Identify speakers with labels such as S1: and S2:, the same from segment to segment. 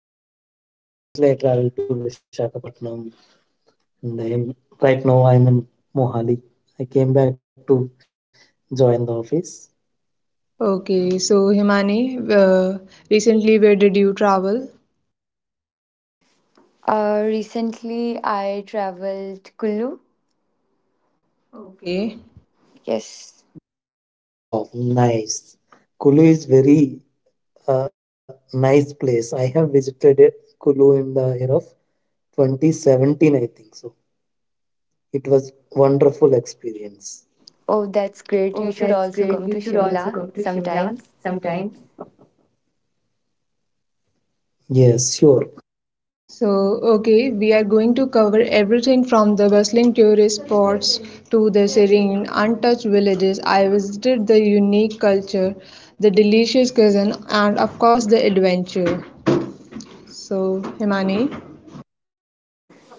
S1: Hi Priya, I'm doing good. Recently, I traveled to Vishakhapatnam, and right now I'm in Mohali. I came back to join the office.
S2: Okay, so Himani, uh, recently where did you travel?
S3: Recently I traveled Kullu. Okay.
S2: Okay.
S3: Yes.
S1: Wow, nice. Kulu is very nice place. I have visited it, Kulu in the year of 2017, I think so. It was wonderful experience.
S3: Oh, that's great. You
S1: Oh,
S3: should
S1: that's
S3: also
S1: great.
S3: come to
S1: You should also
S3: Shimla
S1: come to Shimla
S3: sometimes.
S1: sometime. Yes, sure.
S2: So, okay, we are going to cover everything from the bustling tourist spots to the serene, untouched villages. I visited the unique culture, the delicious cuisine, and of course, the adventure. So, Himani,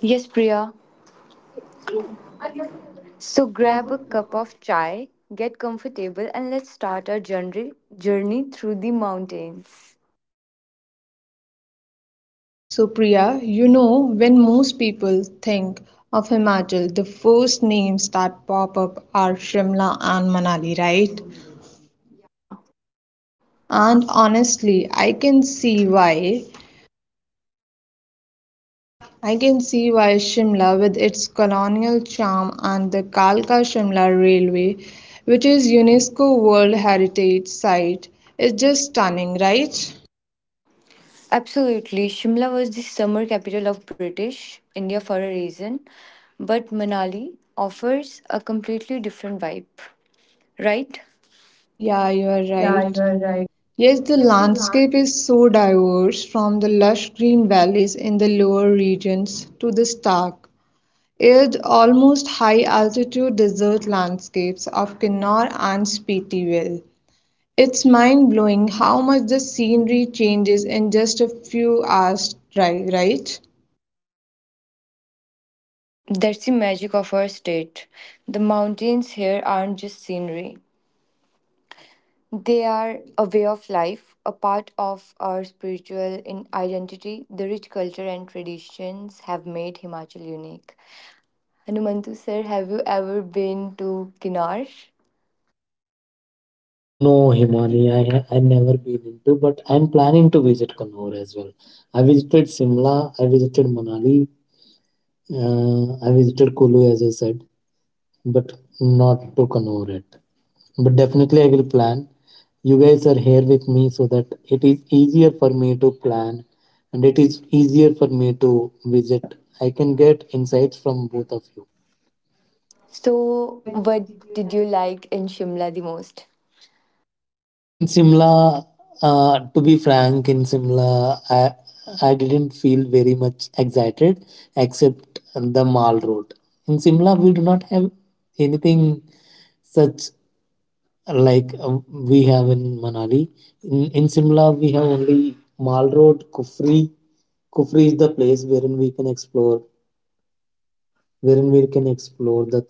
S3: Yes, Priya. So grab a cup of chai, get comfortable, and let's start our journey through the mountains.
S2: Supriya, when most people think of Himachal, the first names that pop up are Shimla and Manali, right?
S3: Yeah,
S2: And honestly, I can see why. I can see why Shimla, with its colonial charm and the Kalka Shimla Railway, which is UNESCO World Heritage Site, is just stunning, right?
S3: absolutely. Shimla was the summer capital of British India for a reason, but Manali offers a completely different vibe, right?
S2: Yeah, you are right.
S1: Yeah, you are right.
S2: Yes, the landscape is so diverse from the lush green valleys in the lower regions to the stark, arid, almost high altitude desert landscapes of Kinnaur and Spiti Vale. It's mind-blowing how much the scenery changes in just a few hours drive, right?
S3: That's the magic of our state. The mountains here aren't just scenery, they are a way of life, a part of our identity. The rich culture and traditions have made Himachal unique. Hanumantu sir, have you ever been to Kinnar?
S1: No, Himani, I never been into, but I'm planning to visit Kannur as well. I visited Simla, I visited Manali, I visited Kulu as I said, but not to Kannur yet. But definitely I will plan. You guys are here with me so that it is easier for me to plan and it is easier for me to visit. I can get insights from both of you.
S3: So, what did you like in Shimla the most?
S1: In Simla, to be frank, in Simla, I didn't feel excited except on the Mall Road. In Simla, we do not have anything such like we have in Manali. In Simla, we have only Mall Road, Kufri. Kufri is the place wherein we can explore, wherein we can explore the things.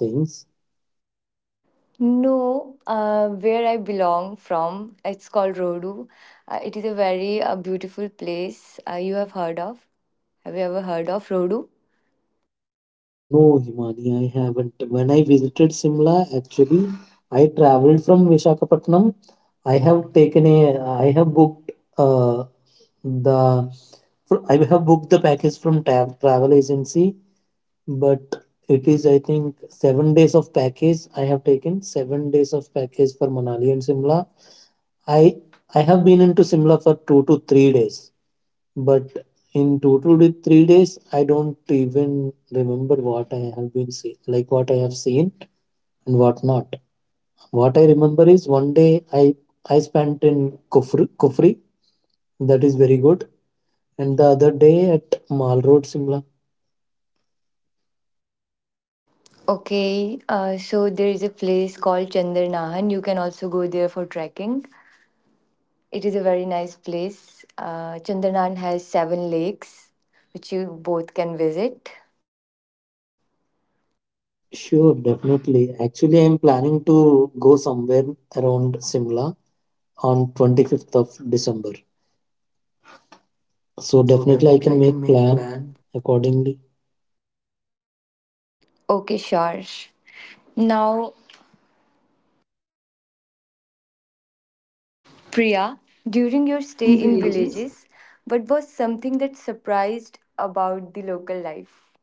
S3: No, where I belong from, it's called Rodu. It is a very beautiful place you have heard of. Have you ever heard of Rodu?
S1: No, Himani, I haven't. When I visited Simla, actually, I traveled from Vishakhapatnam. I have booked uh, the, I have booked the package from travel agency, but it is, I think, 7 days of package. I have taken 7 days of package for Manali and Simla. I I have been into Simla for 2 to 3 days. But in total with 3 days, I don't even remember what I have been seen, like what I have seen and what not. What I remember is one day I spent in Kufri, that is very good, and the other day at Mall Road, Simla.
S3: Okay, so there is a place called Chandarnahan. You can also go there for trekking. It is a very nice place. Chandarnahan has seven lakes, which you both can visit.
S1: Sure, definitely. Actually, I'm planning to go somewhere around Simla on 25th of December. So
S3: So
S1: definitely I
S3: definitely I
S1: can
S3: can
S1: make
S3: make
S1: plan
S3: plan.
S1: accordingly.
S3: Okay, sure. Now Priya, during your stay in villages, what was something that surprised about the local life?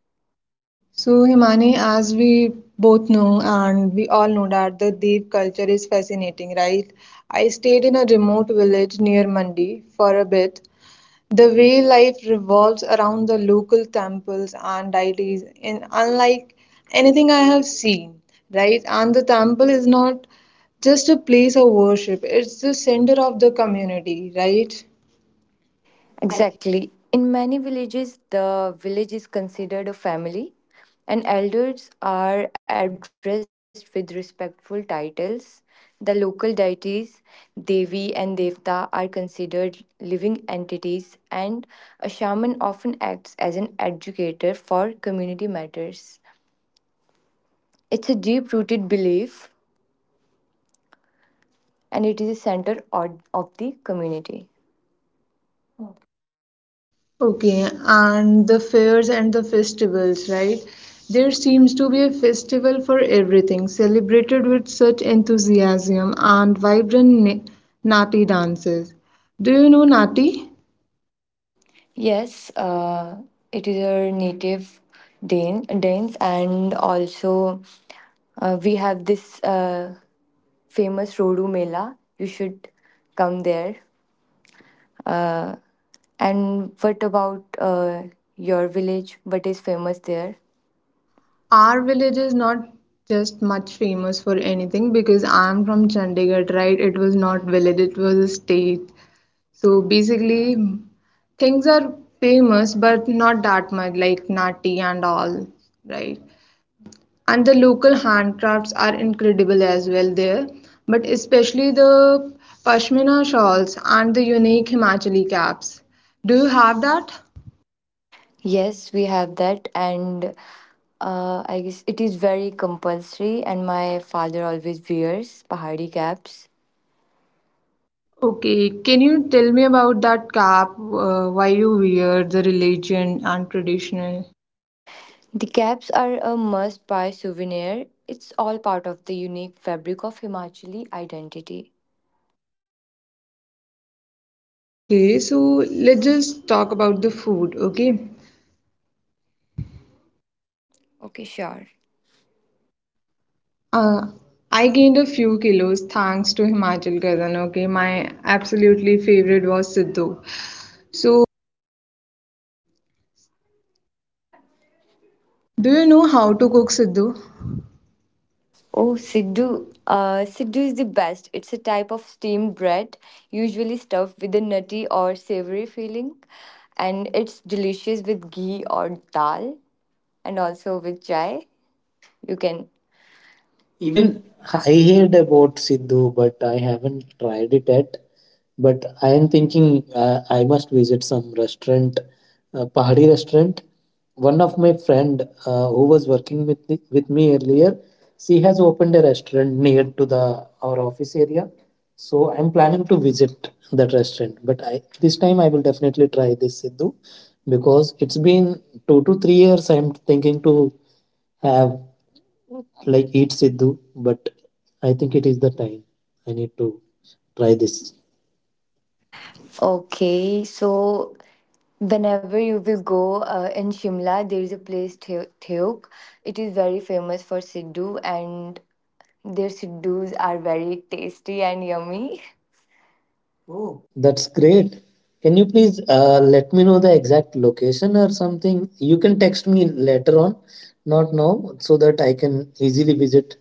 S2: So, Himani, as we both know and we all know that the Dev culture is fascinating, right? I stayed in a remote village near Mandi for a bit. The way life revolves around the local temples and deities in unlike anything I have seen, right? And the temple is not just a place of worship, it's the center of the community, right? Exactly.
S3: Exactly. In many villages, the village is considered a family, and elders are addressed with respectful titles. The local deities, Devi and Devta, are considered living entities, and a shaman often acts as an educator for community matters. It's a deep rooted belief and it is the center of the community.
S2: Okay, and the fairs and the festivals, right? There seems to be a festival for everything, celebrated with such enthusiasm and vibrant Nati dances. Do you know Nati?
S3: Yes, it is our native Danes, and also we have this famous Rodu Mela. You should come there. Uh, And what about your village? What is famous there?
S2: Our village is not just much famous for anything because I'm from Chandigarh, right? It was not village, it was a state. So basically, things are famous, but not that much, like Nati and all, right? And the local handcrafts are incredible as well there, but especially the pashmina shawls and the unique himachali caps. Do you have that?
S3: Yes, we have that, and I guess it is very compulsory. And my father always wears pahari caps.
S2: Okay, can you tell me about that cap? Why you wear the religion and traditional.
S3: The caps are a must buy souvenir. It's all part of the unique fabric of Himachali identity.
S2: Okay, so let's just talk about the food, okay?
S3: Okay, sure.
S2: Uh, I gained a few kilos thanks to Himachal Kazan, okay? My absolutely favorite was Siddu. So, do you know how to cook Siddu?
S3: Oh,
S2: Oh,
S3: Siddu.
S2: Sidhu.
S3: Siddu is the best. It's a type of steamed bread, usually stuffed with a nutty or savory filling, and it's delicious with ghee or dal and also with chai. You can.
S1: Even
S3: Even
S1: I heard about Sidhu, but I haven't tried it yet. But I am thinking I must visit some restaurant, Pahadi restaurant. One of my friend who was working with me earlier, she has opened a restaurant near to the our office area. So I'm planning to visit that restaurant. But I this time I will definitely try this Sidhu because it's been 2 to 3 years. I'm thinking to have like eat Sidhu, but I think it is the time. I need to try this.
S3: okay, so whenever you will go in Shimla, there is a place Theuk. It is very famous for Siddu, and their Siddus are very tasty and yummy.
S1: Oh,
S3: Oh.
S1: that's great. Can you please let me know the exact location or something? You can text me later on, not now, so that I can easily visit.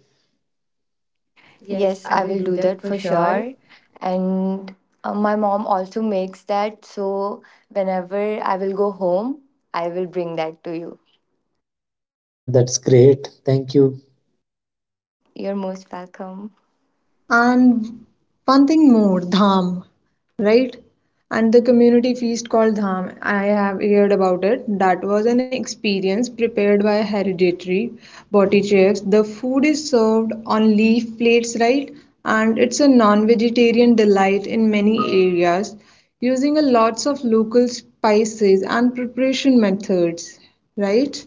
S1: Yes,
S3: Yes,
S1: I
S3: I
S1: will
S3: will
S1: do
S3: do
S1: that
S3: that
S1: for
S3: for
S1: sure.
S3: sure. And my mom also makes that, so whenever I will go home, I will bring that to you.
S1: That's great. Thank you.
S3: You're most welcome. Um,
S2: And one thing more, dham, right? And the community feast called dham, I have heard about it. That was an experience prepared by hereditary body chefs. The food is served on leaf plates, right? And it's a non-vegetarian delight in many areas, using a lots of local spices and preparation methods, right?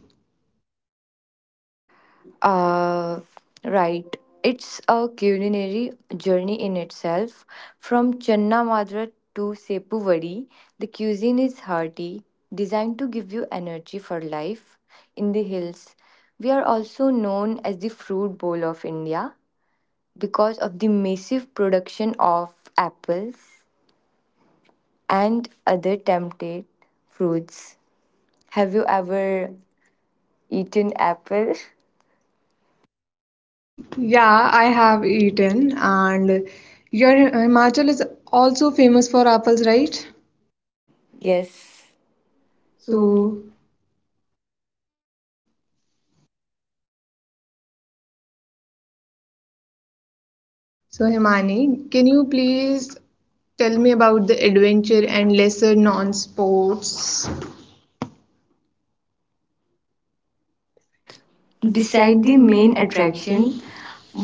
S3: Uh, right. It's a culinary journey in itself. From Channa Madra to Sepu Vadi, the cuisine is hearty, designed to give you energy for life. In the hills, we are also known as the fruit bowl of India because of the massive production of apples and other tempted fruits. Have you ever eaten apple?
S2: Yeah, I have eaten, and your Himachal is also famous for apples, right?
S3: Yes.
S2: So, so Himani, can you please tell me about the adventure and lesser non-sports?
S3: Beside
S2: Beside
S3: the
S2: the
S3: main
S2: main
S3: attraction,
S2: attraction,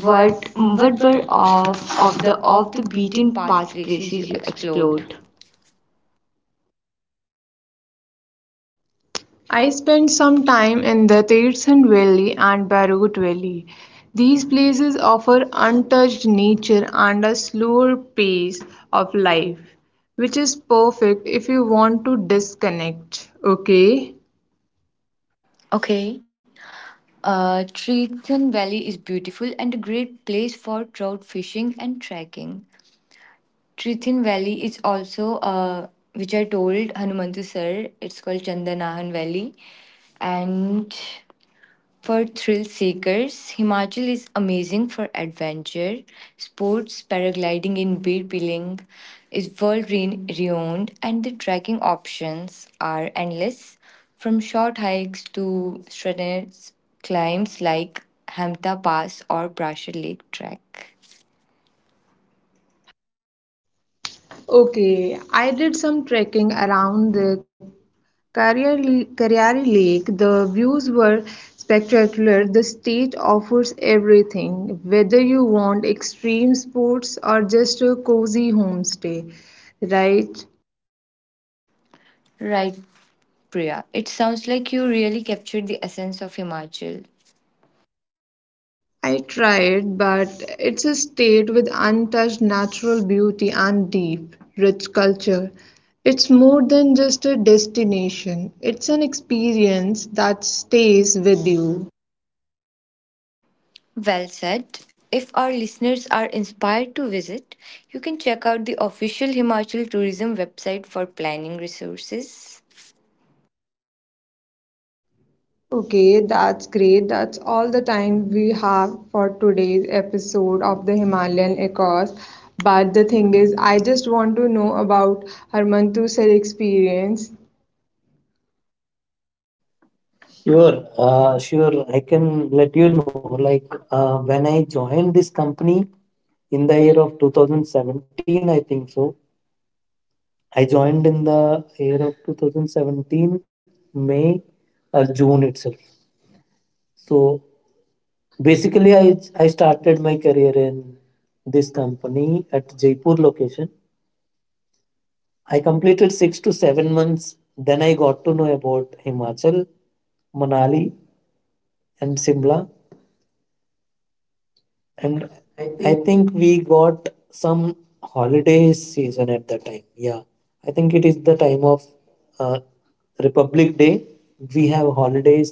S2: what
S3: what what
S2: what
S3: were
S2: were
S3: of the off
S2: off
S3: the
S2: the
S3: beaten
S2: beaten
S3: path
S2: path
S3: places
S2: places
S3: you
S2: you
S3: explored?
S2: explored? I spent some time in the Tirthan Valley and Barut Valley. These places offer untouched nature and a slower pace of life, which is perfect if you want to disconnect. Okay.
S3: Okay, Trithan Valley is beautiful and a great place for trout fishing and trekking. Trithan Valley is also which I told Hanumantu sir, it's called Chandanahan Valley. And for thrill seekers, Himachal is amazing for adventure. Sports, paragliding in Bir Biling is world renowned, and the trekking options are endless from short hikes to strenuous climbs like Hamta Pass or Brasher Lake Trek.
S2: Okay, I did some trekking around the Kariyari Lake. The views were spectacular. The state offers everything, whether you want extreme sports or just a cozy homestay, right?
S3: Right, Priya. It sounds like you really captured the essence of Himachal.
S2: I tried, but it's a state with untouched natural beauty and deep, rich culture. It's more than just a destination, it's an experience that stays with you.
S3: Well said. If our listeners are inspired to visit, you can check out the official Himachal Tourism website for planning resources.
S2: Okay, that's great. That's all the time we have for today's episode of the Himalayan Echoes. But the thing is, I just want to know about Harmantu's experience.
S1: Sure, sure. I can let you know. Like when I joined this company in the year of 2017, I think so. I joined in the year of 2017, May or June itself. So basically, I started my career in this company at Jaipur location. I completed 6 to 7 months. Then I got to know about Himachal, Manali, and Simla. And I think we got some holiday season at the time. Yeah, I think it is the time of uh, Republic Day. We have holidays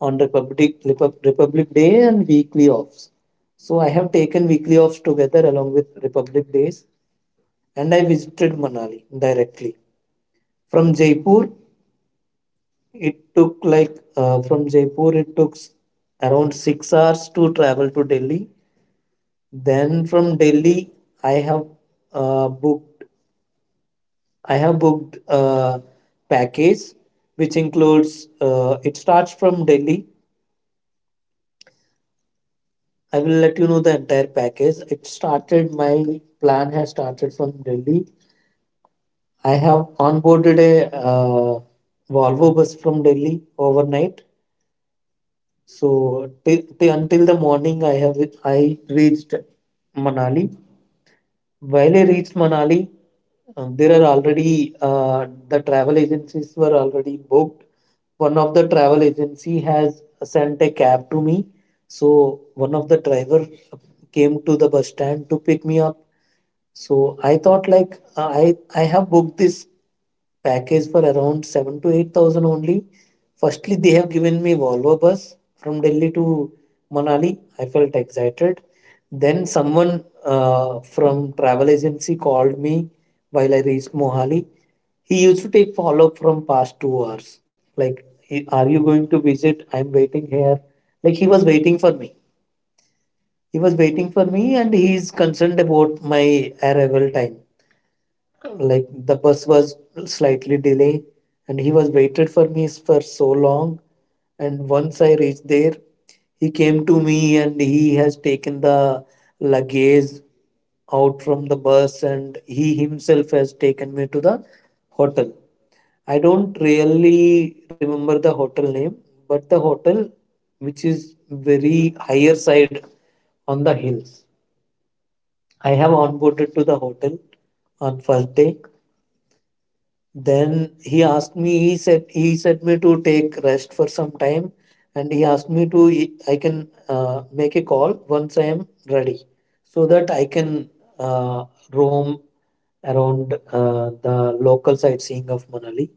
S1: on Republic Day and weekly offs. So I have taken weekly offs together along with Republic Days, and I visited Manali directly from Jaipur. It took like from Jaipur it took around 6 hours to travel to Delhi. Then from Delhi, I have uh, booked I have booked a package which includes it starts from Delhi. I will let you know the entire package. It started my plan has started from Delhi. I have onboarded a Volvo bus from Delhi overnight. So until the morning, I reached Manali. While I reached Manali, the travel agencies were already booked. One of the travel agency has sent a cab to me, so one of the driver came to the bus stand to pick me up. So I thought like uh, i I have booked this package for around 7 to 8,000 only. Firstly, they have given me Volvo bus from Delhi to Manali. I felt excited. Then someone from travel agency called me while I reached Mohali. He used to take follow up from past 2 hours. Like he, are you going to visit? I'm waiting here. Like he was waiting for me. He was waiting for me, and he's concerned about my arrival time. Like the bus was slightly delay, and he was waited for me for so long. And once I reached there, he came to me, and he has taken the luggage out from the bus, and he himself has taken me to the hotel. I don't really remember the hotel name, but the hotel which is very higher side on the hills. I have onboarded to the hotel on first day. Then he asked me. He said me to take rest for some time, and he asked me I can make a call once I am ready, so that I can uh, roam around the local sightseeing of Manali.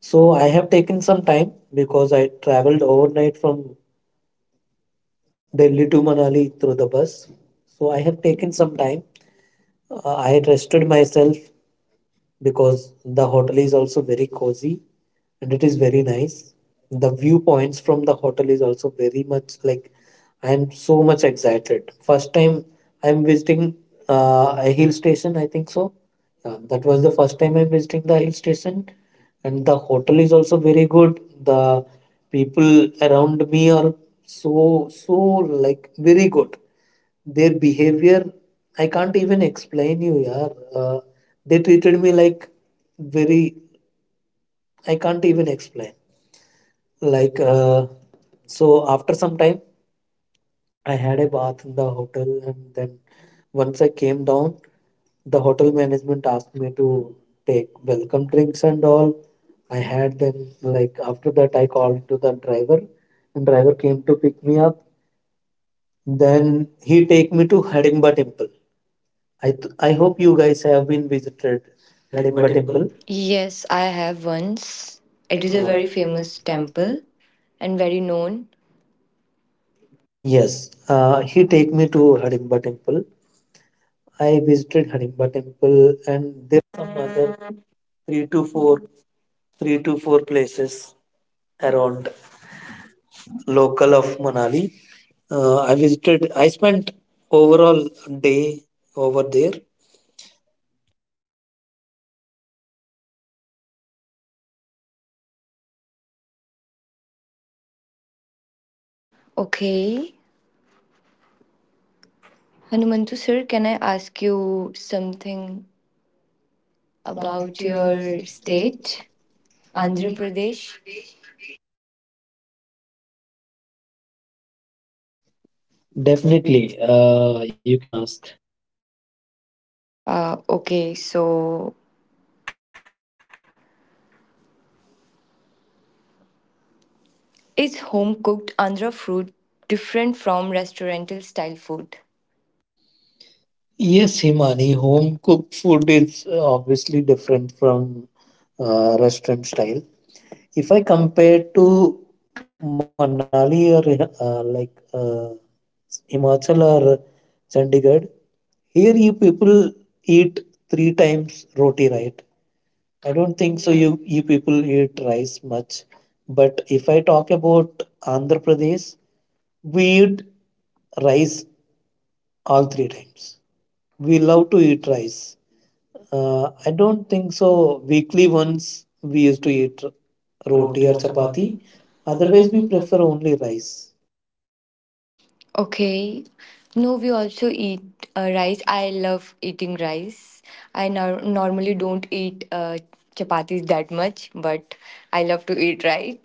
S1: So I have taken some time because I traveled overnight from Delhi to Manali through the bus. So I have taken some time. I rested myself because the hotel is also very cozy and it is very nice. The viewpoints from the hotel is also very much like I am so much excited. First time I am visiting a hill station, I think so. Yeah, that was the first time I'm visiting the hill station, and the hotel is also very good. The people around me are so like very good. Their behavior, I can't even explain you, yaar. They treated me like very. I can't even explain. Like so, after some time, I had a bath in the hotel, and then once I came down, the hotel management asked me to take welcome drinks and all. I had them. Like after that, I called to the driver, and driver came to pick me up. Then he take me to Hidimba temple. I hope you guys have been visited
S3: Kadimba
S1: Hidimba
S3: Temple.
S1: Temple.
S3: Yes, I have once. It is
S1: It
S3: a
S1: is a
S3: very
S1: very
S3: famous
S1: famous
S3: temple
S1: temple.
S3: and very known.
S1: Yes, he take me to Hidimba Temple. I visited Hidimba Temple.
S3: Okay. Hanumantu sir, can I ask you something about your state, Andhra Pradesh?
S1: Definitely, you can ask.
S3: Okay, so is home cooked Andhra food different from restaurantal style food?
S1: Yes, Himani, home cooked food is obviously different from restaurant style. If I compare to Manali or like Himachal or Chandigarh, here you people eat three times roti, right? I don't think so. You people eat rice much, but if I talk about Andhra Pradesh, we eat rice all three times. We love to eat rice. I don't think so. Weekly once we used to eat roti
S3: Roti
S1: or
S3: or
S1: chapati.
S3: chapati.
S1: Otherwise,
S3: Otherwise,
S1: we
S3: we prefer.
S1: prefer only rice.
S3: Okay. No, we also eat rice. I love eating rice. I normally don't eat chapatis that much, but I love to eat rice.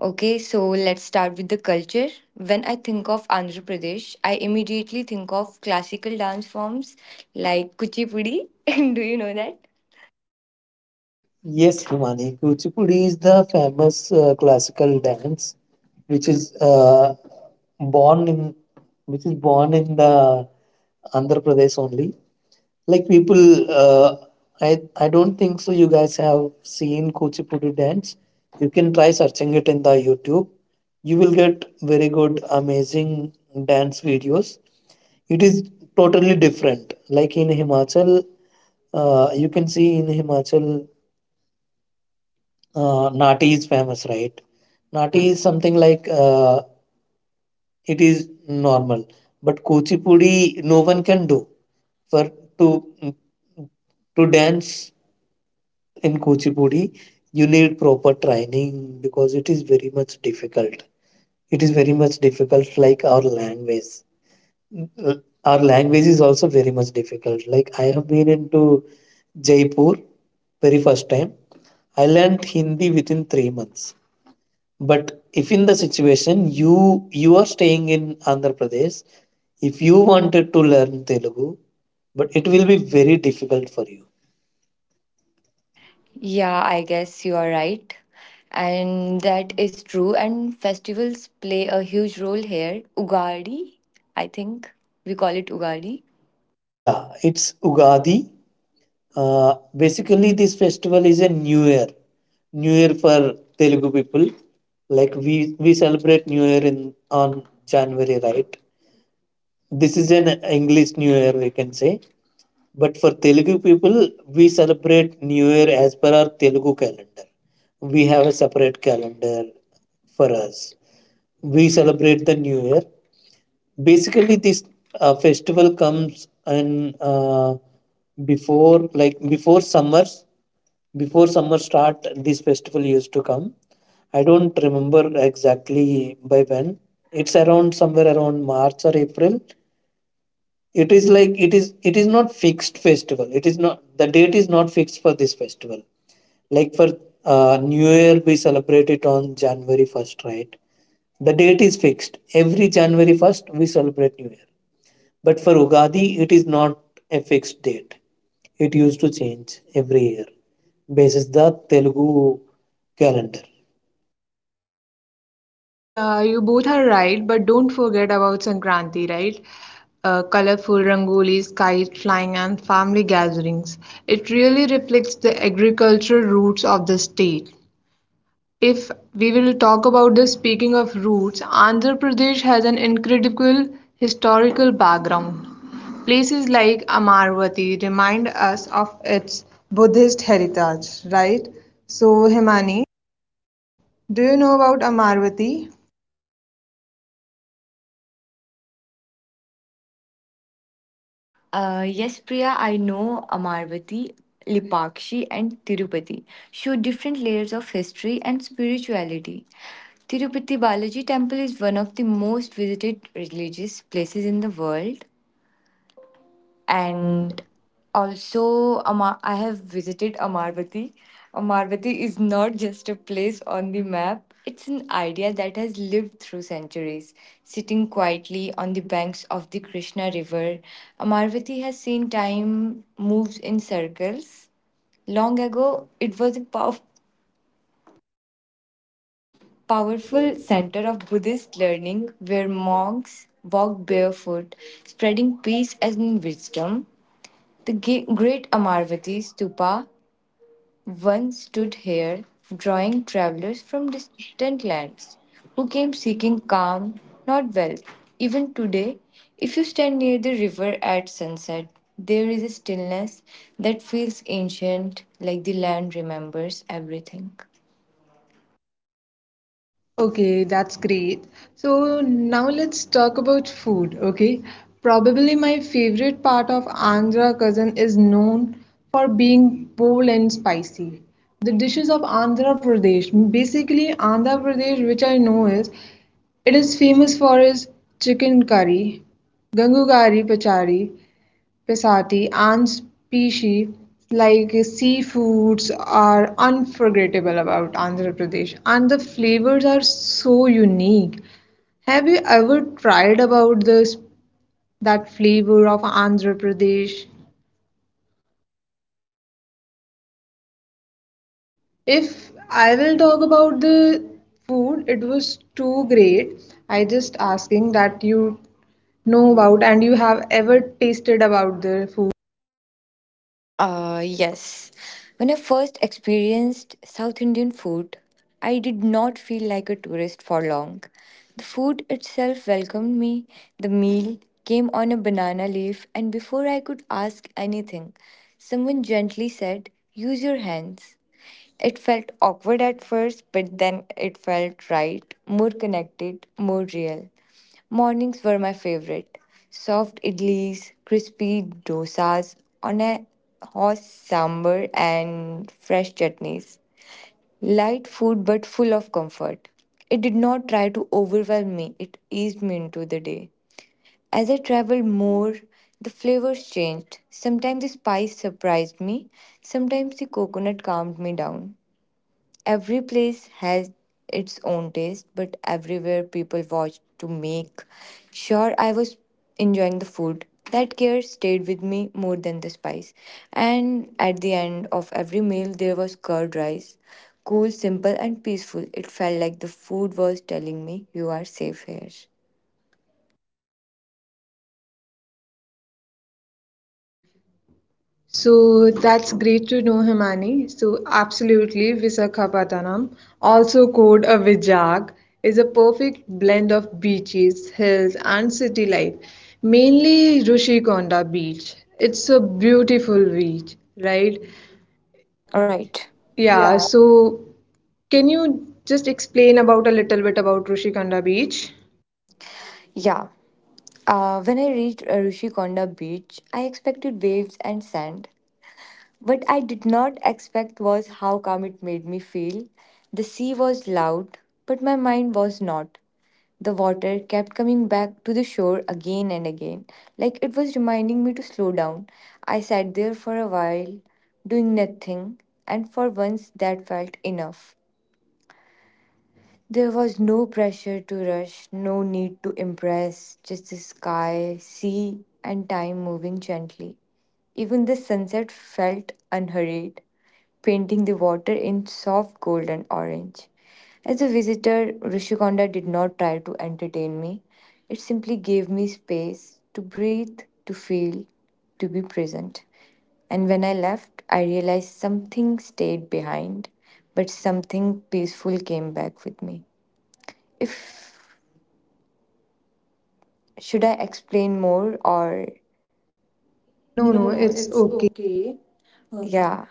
S3: Okay, so let's start with the culture. When I think of Andhra Pradesh, I immediately think of classical dance forms like kuchipudi. Do you know that?
S1: Yes, Himani, Kuchipudi is the famous classical dance, which is uh, born in which is born in the Andhra Pradesh only. Like people, I don't think so. You guys have seen Kuchipudi dance. You can try searching it in the YouTube. You will get very good, amazing dance videos. It is totally different. Like in Himachal, you can see in Himachal, Nati is famous, right? Nati is something like it is normal, but Kuchipudi no one can do. For to to dance in Kuchipudi, you need proper training because it is very much difficult. It is very much difficult, like our language. Uh, Our language is also very much difficult. Like I have been into Jaipur very first time. I learned Hindi within 3 months. But if in the situation you are staying in Andhra Pradesh, if you wanted to learn Telugu, but it will be very difficult for you.
S3: Yeah, I guess you are right. And that is true. And festivals play a huge role here. Ugadi, I think we call it Ugadi.
S1: Yeah, it's Ugadi. Basically, this festival is a New Year for Telugu people. Like we celebrate New Year in on January, right? This is an English New Year, we can say. But for Telugu people, we celebrate New Year as per our Telugu calendar. We have a separate calendar for us. We celebrate the New Year. Basically, this festival comes in before, like before summer start, this festival used to come. I don't remember exactly by when. It's around somewhere around March or April. It is like it is not fixed festival. It is not the date is not fixed for this festival. Like for new year we celebrate it on January 1st, right? The date is fixed. Every January 1st we celebrate new year. But for Ugadi, it is not a fixed date. It used to change every year basis the Telugu calendar.
S2: Yeah, you both are right, but don't forget about Sankranti, right? Colorful rangolis, kite flying, and family gatherings. It really reflects the agricultural roots of the state. If we will talk about this, speaking of roots, Andhra Pradesh has an incredible historical background. Places like Amarvati remind us of its Buddhist heritage, right? So, Himani, do you know about Amarvati?
S3: Yes, Priya, I know Amarvati, Lipakshi, and Tirupati show different layers of history and spirituality. Tirupati Balaji Temple is one of the most visited religious places in the world.
S2: And
S3: And also I have visited Amarvati. Amarvati is not just a place on the map, it's an idea that has lived through centuries. Sitting quietly on the banks of the Krishna river, Amarvati has seen time moves in circles. Long ago, it was a powerful
S2: powerful.
S3: center of Buddhist learning where monks walked barefoot, spreading peace and wisdom. The great Amarvati Stupa once stood here, drawing travelers from distant lands who came seeking calm, not wealth. Even today, if you stand near the river at sunset, there is a stillness that feels ancient, like the land remembers everything.
S2: Okay, that's great. So now let's talk about food, okay? Probably my favorite part of Andhra cuisine is known for being bold and spicy. The dishes of Andhra Pradesh, basically Andhra Pradesh, which I know is, it is famous for its chicken curry, Gangugari Pachari, Pesati and species like seafoods are unforgettable about Andhra Pradesh and the flavors are so unique. Have you ever tried about this, that flavor of Andhra Pradesh? If I will talk about the food, it was too great. I just asking that you know about and you have ever tasted about the food.
S3: Yes. When I first experienced South Indian food, I did not feel like a tourist for long. The food itself welcomed me. The meal came on a banana leaf, and before I could ask anything, someone gently said, "Use your hands." It felt awkward at first, but then it felt right, more connected, more real. Mornings were my favorite. Soft idlis, crispy dosas on a hot sambar and fresh chutneys. Light food but full of comfort. It did not try to overwhelm me, it eased me into the day. As I traveled more, the flavors changed. Sometimes the spice surprised me, sometimes the coconut calmed me down. Every place has its own taste, but everywhere people watch to make sure I was enjoying the food. That care stayed with me more than the spice. And at the end of every meal, there was curd rice. Cool, simple, and peaceful. It felt like the food was telling me, "You are safe here."
S2: So that's great to know, Himani. So absolutely, Visakhapatnam, also called a Vijag, is a perfect blend of beaches, hills, and city life. Mainly Rishikonda Beach. It's a beautiful beach, right?
S3: Right. Yeah.
S2: Yeah. So can you just explain about a little bit about Rishikonda Beach?
S3: Yeah. When I reached Rishikonda beach, I expected waves and sand. What I did not expect was how calm it made me feel. The sea was loud, but my mind was not. The water kept coming back to the shore again and again, like it was reminding me to slow down. I sat there for a while, doing nothing, and for once that felt enough. There was no pressure to rush, no need to impress, just the sky, sea, and time moving gently. Even the sunset felt unhurried, painting the water in soft gold and orange. As a visitor, Rishikonda did not try to entertain me. It simply gave me space to breathe, to feel, to be present. And when I left, I realized something stayed behind, but something peaceful came back with me. If should I explain more or
S2: No,
S3: no,
S2: no,
S3: no,
S2: it's.
S3: it's okay. Yeah.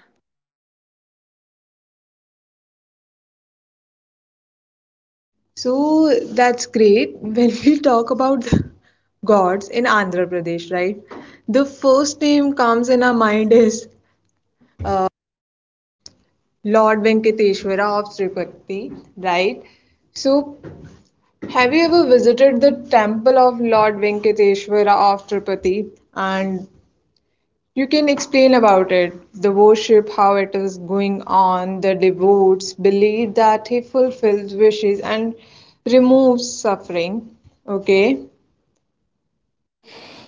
S2: So that's great. When we talk about the gods in Andhra Pradesh, right? The first name comes in our mind is uh, Lord Venkateshwara of Tirupati, right? So, have you ever visited the temple of Lord Venkateshwara of Tirupati? And you can explain about it, the worship, how it is going on, the devotees believe that he fulfills wishes and removes suffering. Okay.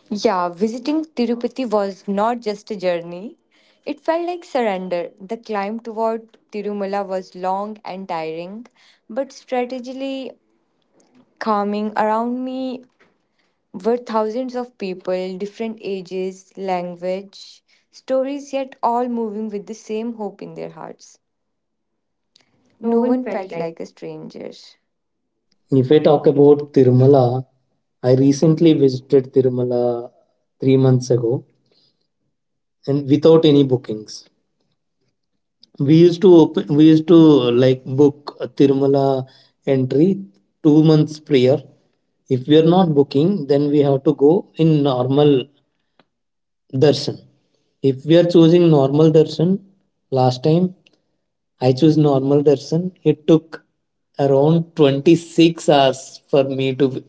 S3: Yeah, visiting Tirupati was not just a journey. It felt like surrender. The climb toward Tirumala was long and tiring, but strategically calming. Around me were thousands of people, different ages, language, stories, yet all moving with the same hope in their hearts. No one felt like a stranger.
S1: If I
S3: If we
S1: talk
S3: talk
S1: about
S3: about
S1: Tirumala, I recently visited Tirumala 3 months ago and without any bookings. We used to like book a Tirumala entry 2 months prior. If we are not booking, then we have to go in normal darshan. If we are choosing normal darshan, last time I chose normal darshan. It took around 26 hours for me to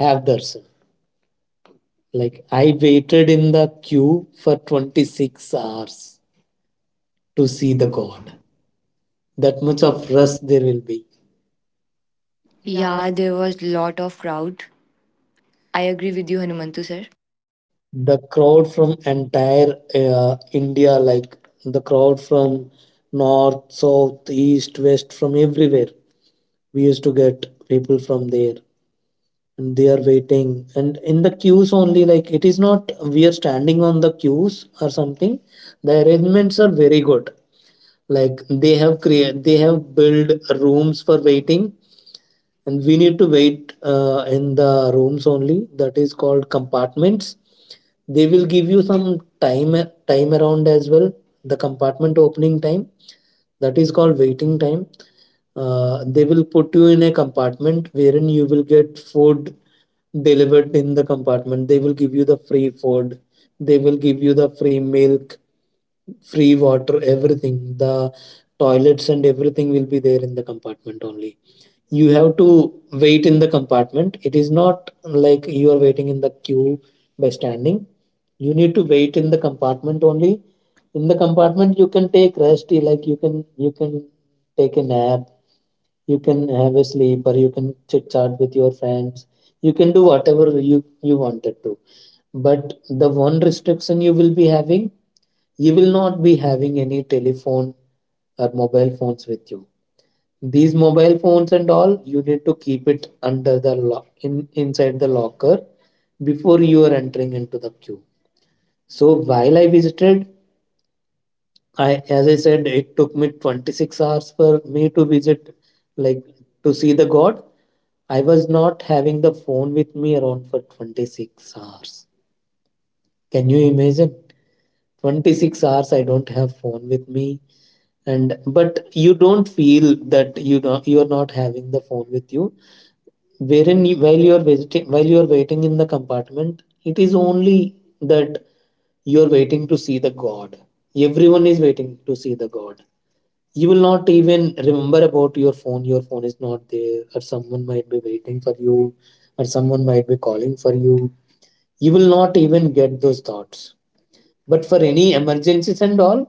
S1: have darshan. Like I waited in the queue for 26 hours to see the god. That much of rush there will be.
S3: yeah, there was lot of crowd. I agree with you, Hanumantu sir.
S1: The crowd from entire India, like the crowd from north, south, east, west, from everywhere. We used to get people from there and they are waiting, and in the queues only, like it is not we are standing on the queues or something. The arrangements are very good, like they have built rooms for waiting, and we need to wait in the rooms only. That is called compartments. They will give you some time, time around as well, the compartment opening time. That is called waiting time. They will put you in a compartment wherein you will get food delivered in the compartment. They will give you the free food, they will give you the free milk, free water, everything. The toilets and everything will be there in the compartment only. You have to wait in the compartment. It is not like you are waiting in the queue by standing. You need to wait in the compartment only. In the compartment you can take rest, you like you can, you can take a nap, you can have a sleep, or you can chit chat with your friends. You can do whatever you wanted to. But the one restriction you will be having, you will not be having any telephone or mobile phones with you. These mobile phones and all, you need to keep it under the lock in inside the locker before you are entering into the queue. So while I visited, I as I said, it took me 26 hours for me to visit, like to see the god. I was not having the phone with me around for 26 hours. Can you imagine? 26 hours I don't have phone with me. And but you don't feel that, you don't, you are not having the phone with you. Wherein you, while you are waiting, while you are waiting in the compartment, it is only that you are waiting to see the god. Everyone is waiting to see the god. You will not even remember about your phone, your phone is not there, or someone might be waiting for you or someone might be calling for you. You will not even get those thoughts. But for any emergencies and all,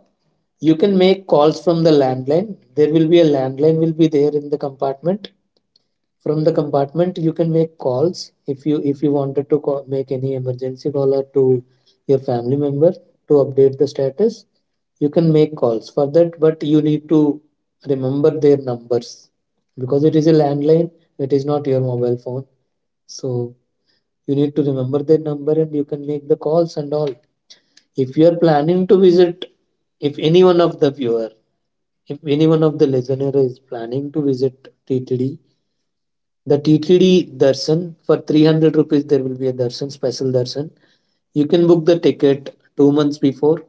S1: you can make calls from the landline. There will be a landline will be there in the compartment. From the compartment you can make calls. If you wanted to call, make any emergency call or to your family member, to update the status, you can make calls for that. But you need to remember their numbers, because it is a landline, it is not your mobile phone. So you need to remember their number and you can make the calls and all. If you are planning to visit, if any one of the viewer, if any one of the listener is planning to visit ttd, the TTD darshan for 300 rupees, there will be a darshan, special darshan. You can book the ticket 2 months before.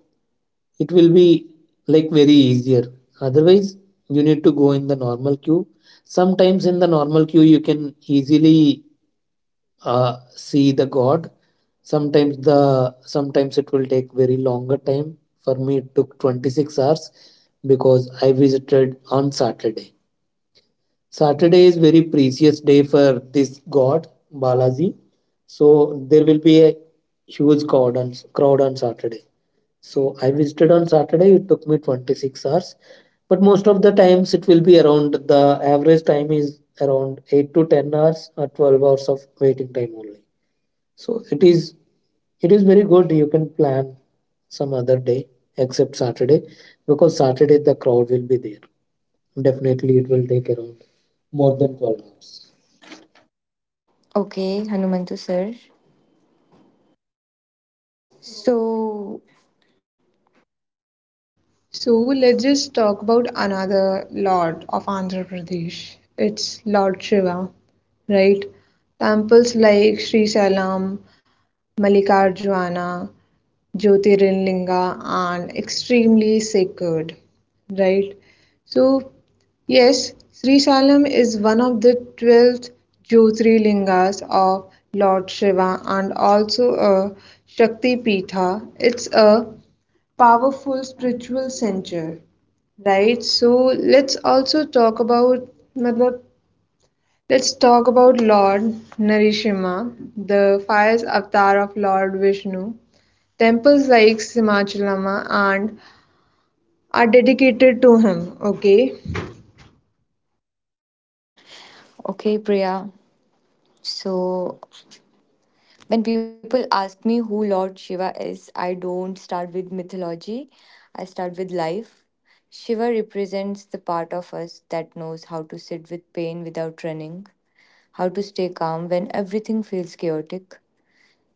S1: It will be like very easier. Otherwise, you need to go in the normal queue. Sometimes in the normal queue, you can easily see the god. Sometimes the sometimes it will take very longer time. For me, it took 26 hours because I visited on Saturday. Saturday is very precious day for this god Balaji, so there will be a huge crowd, on Saturday. So I visited on Saturday. It took me 26 hours, but most of the times it will be around the, average time is around 8 to 10 hours or 12 hours of waiting time only. So it is very good. You can plan some other day except Saturday, because Saturday the crowd will be there. Definitely, it will take around more than 12 hours.
S3: Okay, Hanumantu sir. So
S2: So let's just talk about another lord of Andhra Pradesh. It's Lord Shiva, right? Temples like Sri Salam Mallikarjuna, Jyotirlinga and extremely sacred, right? So, yes, Sri Salam is one of the 12 Jyotirlingas of Lord Shiva and also a Shakti Pitha. It's a powerful spiritual center, right? So, let's also talk about matlab, let's talk about Lord Narasimha, the fierce avatar of Lord Vishnu. Temples like Simachalama and are dedicated to him, okay?
S3: okay, Priya. So when people ask me who Lord Shiva is, I don't start with mythology, I start with life. Shiva represents the part of us that knows how to sit with pain without running, how to stay calm when everything feels chaotic.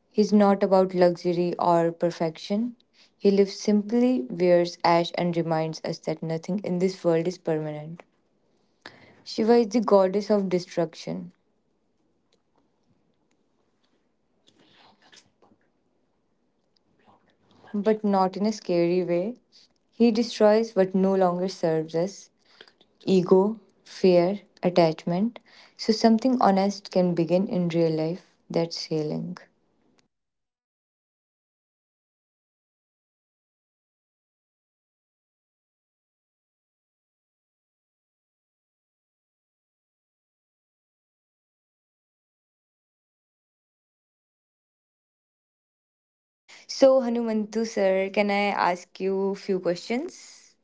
S3: He's not about luxury or perfection. He lives simply, wears ash, and reminds us that nothing in this world is permanent. Shiva is the goddess of destruction, but not in a scary way. He destroys what no longer serves us ego, fear, attachment. So, something honest can begin in real life. That's healing. So, Hanumantu sir, can I ask you few questions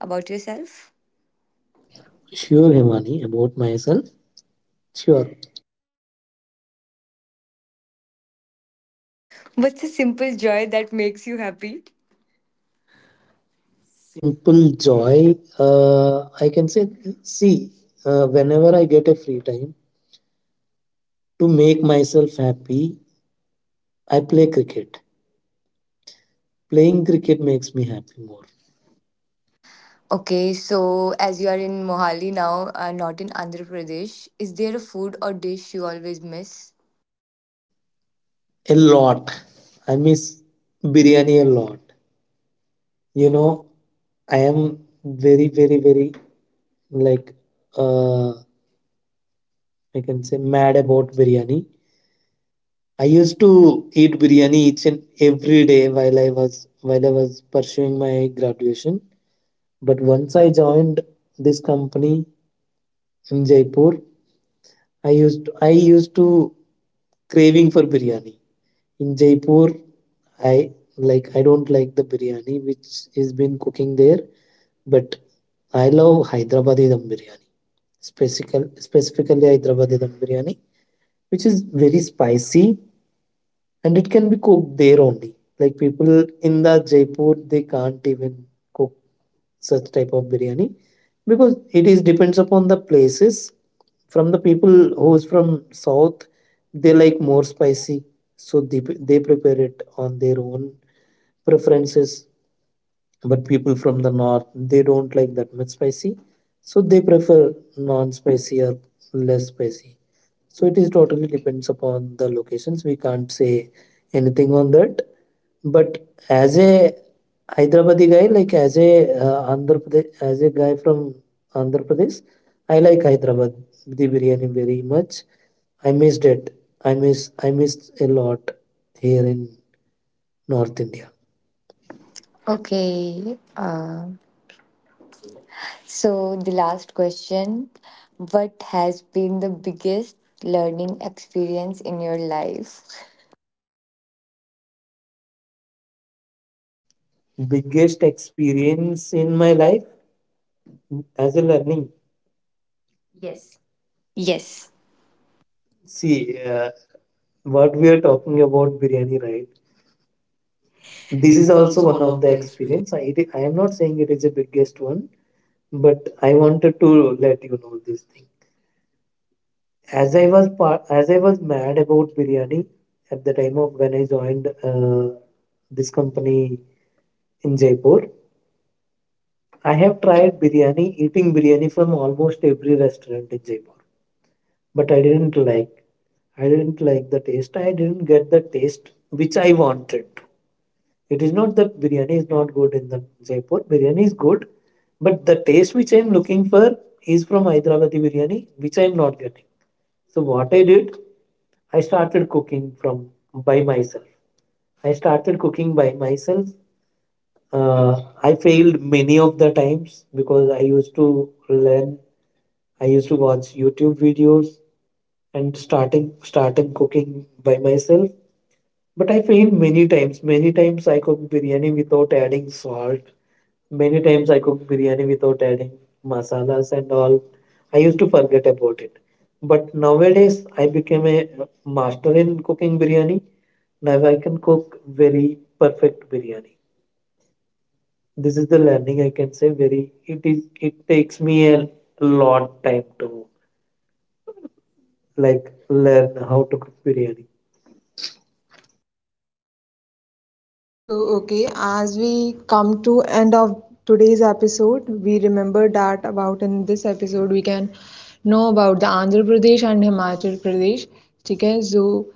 S3: about yourself?
S1: Sure, Himani, about myself. Sure.
S3: What's a simple joy that makes you happy?
S1: Simple joy. I can say, see, whenever I get a free time to make myself happy, I play cricket. Playing cricket makes me happy more.
S3: Okay, so as you are in Mohali now, not in Andhra Pradesh, is there a food or dish you always miss?
S1: A lot. I miss biryani a lot. You
S3: You know.
S1: know, I am very, very, very, like I can say mad about biryani. I used to eat biryani each and every day while I was pursuing my graduation. But once I joined this company in Jaipur, I used to craving for biryani. In Jaipur, I like I don't like the biryani which is been cooking there, but I love Hyderabadi dum biryani. Specifically Hyderabadi dum biryani, which is very spicy and it can be cooked there only. Like people in the Jaipur, they can't even cook such type of biryani, because it is depends upon the places. From the people who is from south, they like more spicy, so they prepare it on their own preferences. But people from the north, they don't like that much spicy, so they prefer non-spicy or less spicy. So it is totally depends upon the locations. We can't say anything on that, but as a Hyderabadi guy, like as a Andhra Pradesh, as a guy from Andhra Pradesh, I like Hyderabad the biryani very much. I missed it. I missed a lot here in North India.
S3: Okay, so, the last question, what has been the biggest learning experience in your life?
S1: Biggest experience in my life as a learning.
S3: Yes.
S1: See, what we are talking about biryani, right?
S3: This
S1: This
S3: is
S1: is
S3: also
S1: also
S3: one
S1: one
S3: of
S1: of
S3: the
S1: the
S3: experience.
S1: experience. I, it, I am not saying it is the biggest one, but I wanted to let you know this thing. As I was part, as I was mad about biryani at the time of when I joined this company in Jaipur. I have tried biryani, eating biryani from almost every restaurant in Jaipur, but I didn't like. I didn't like the taste. I didn't get the taste which I wanted. It is not that biryani is not good in the Jaipur. Biryani is good, but the taste which I am looking for is from Hyderabadi biryani, which I am not getting. So what I did, I started cooking from by myself. I started cooking by myself. Uh, I failed many of the times because I used to learn. I used to watch YouTube videos and starting cooking by myself. But I failed many times. Many times I cooked biryani without adding salt. Many times I cook biryani without adding masalas and all. I used to forget about it. But nowadays I became a master in cooking biryani. Now I can cook very perfect biryani. This is the learning I can say, very it is, it takes me a lot time to like learn how to cook biryani.
S2: So, okay, as we come to end of today's episode, we remember that about in this episode we can know about the Andhra Pradesh and Himachal Pradesh. Okay, so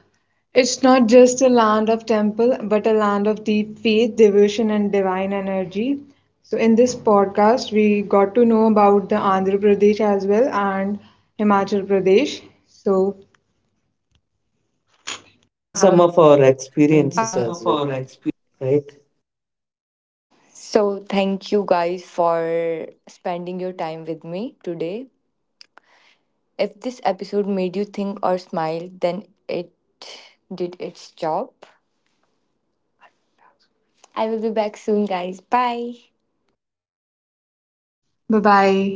S2: it's not just a land of temple, but a land of deep faith, devotion, and divine energy. So, in this podcast, we got to know about the Andhra Pradesh as well and Himachal Pradesh. So,
S1: And
S3: And
S1: some
S3: some
S1: of
S3: of
S1: our
S3: our experience.
S1: experiences as well, right?
S3: So, thank you guys for spending your time with me today. If this episode made you think or smile, then it did its job. I will be back soon, guys. Bye.
S2: bye bye.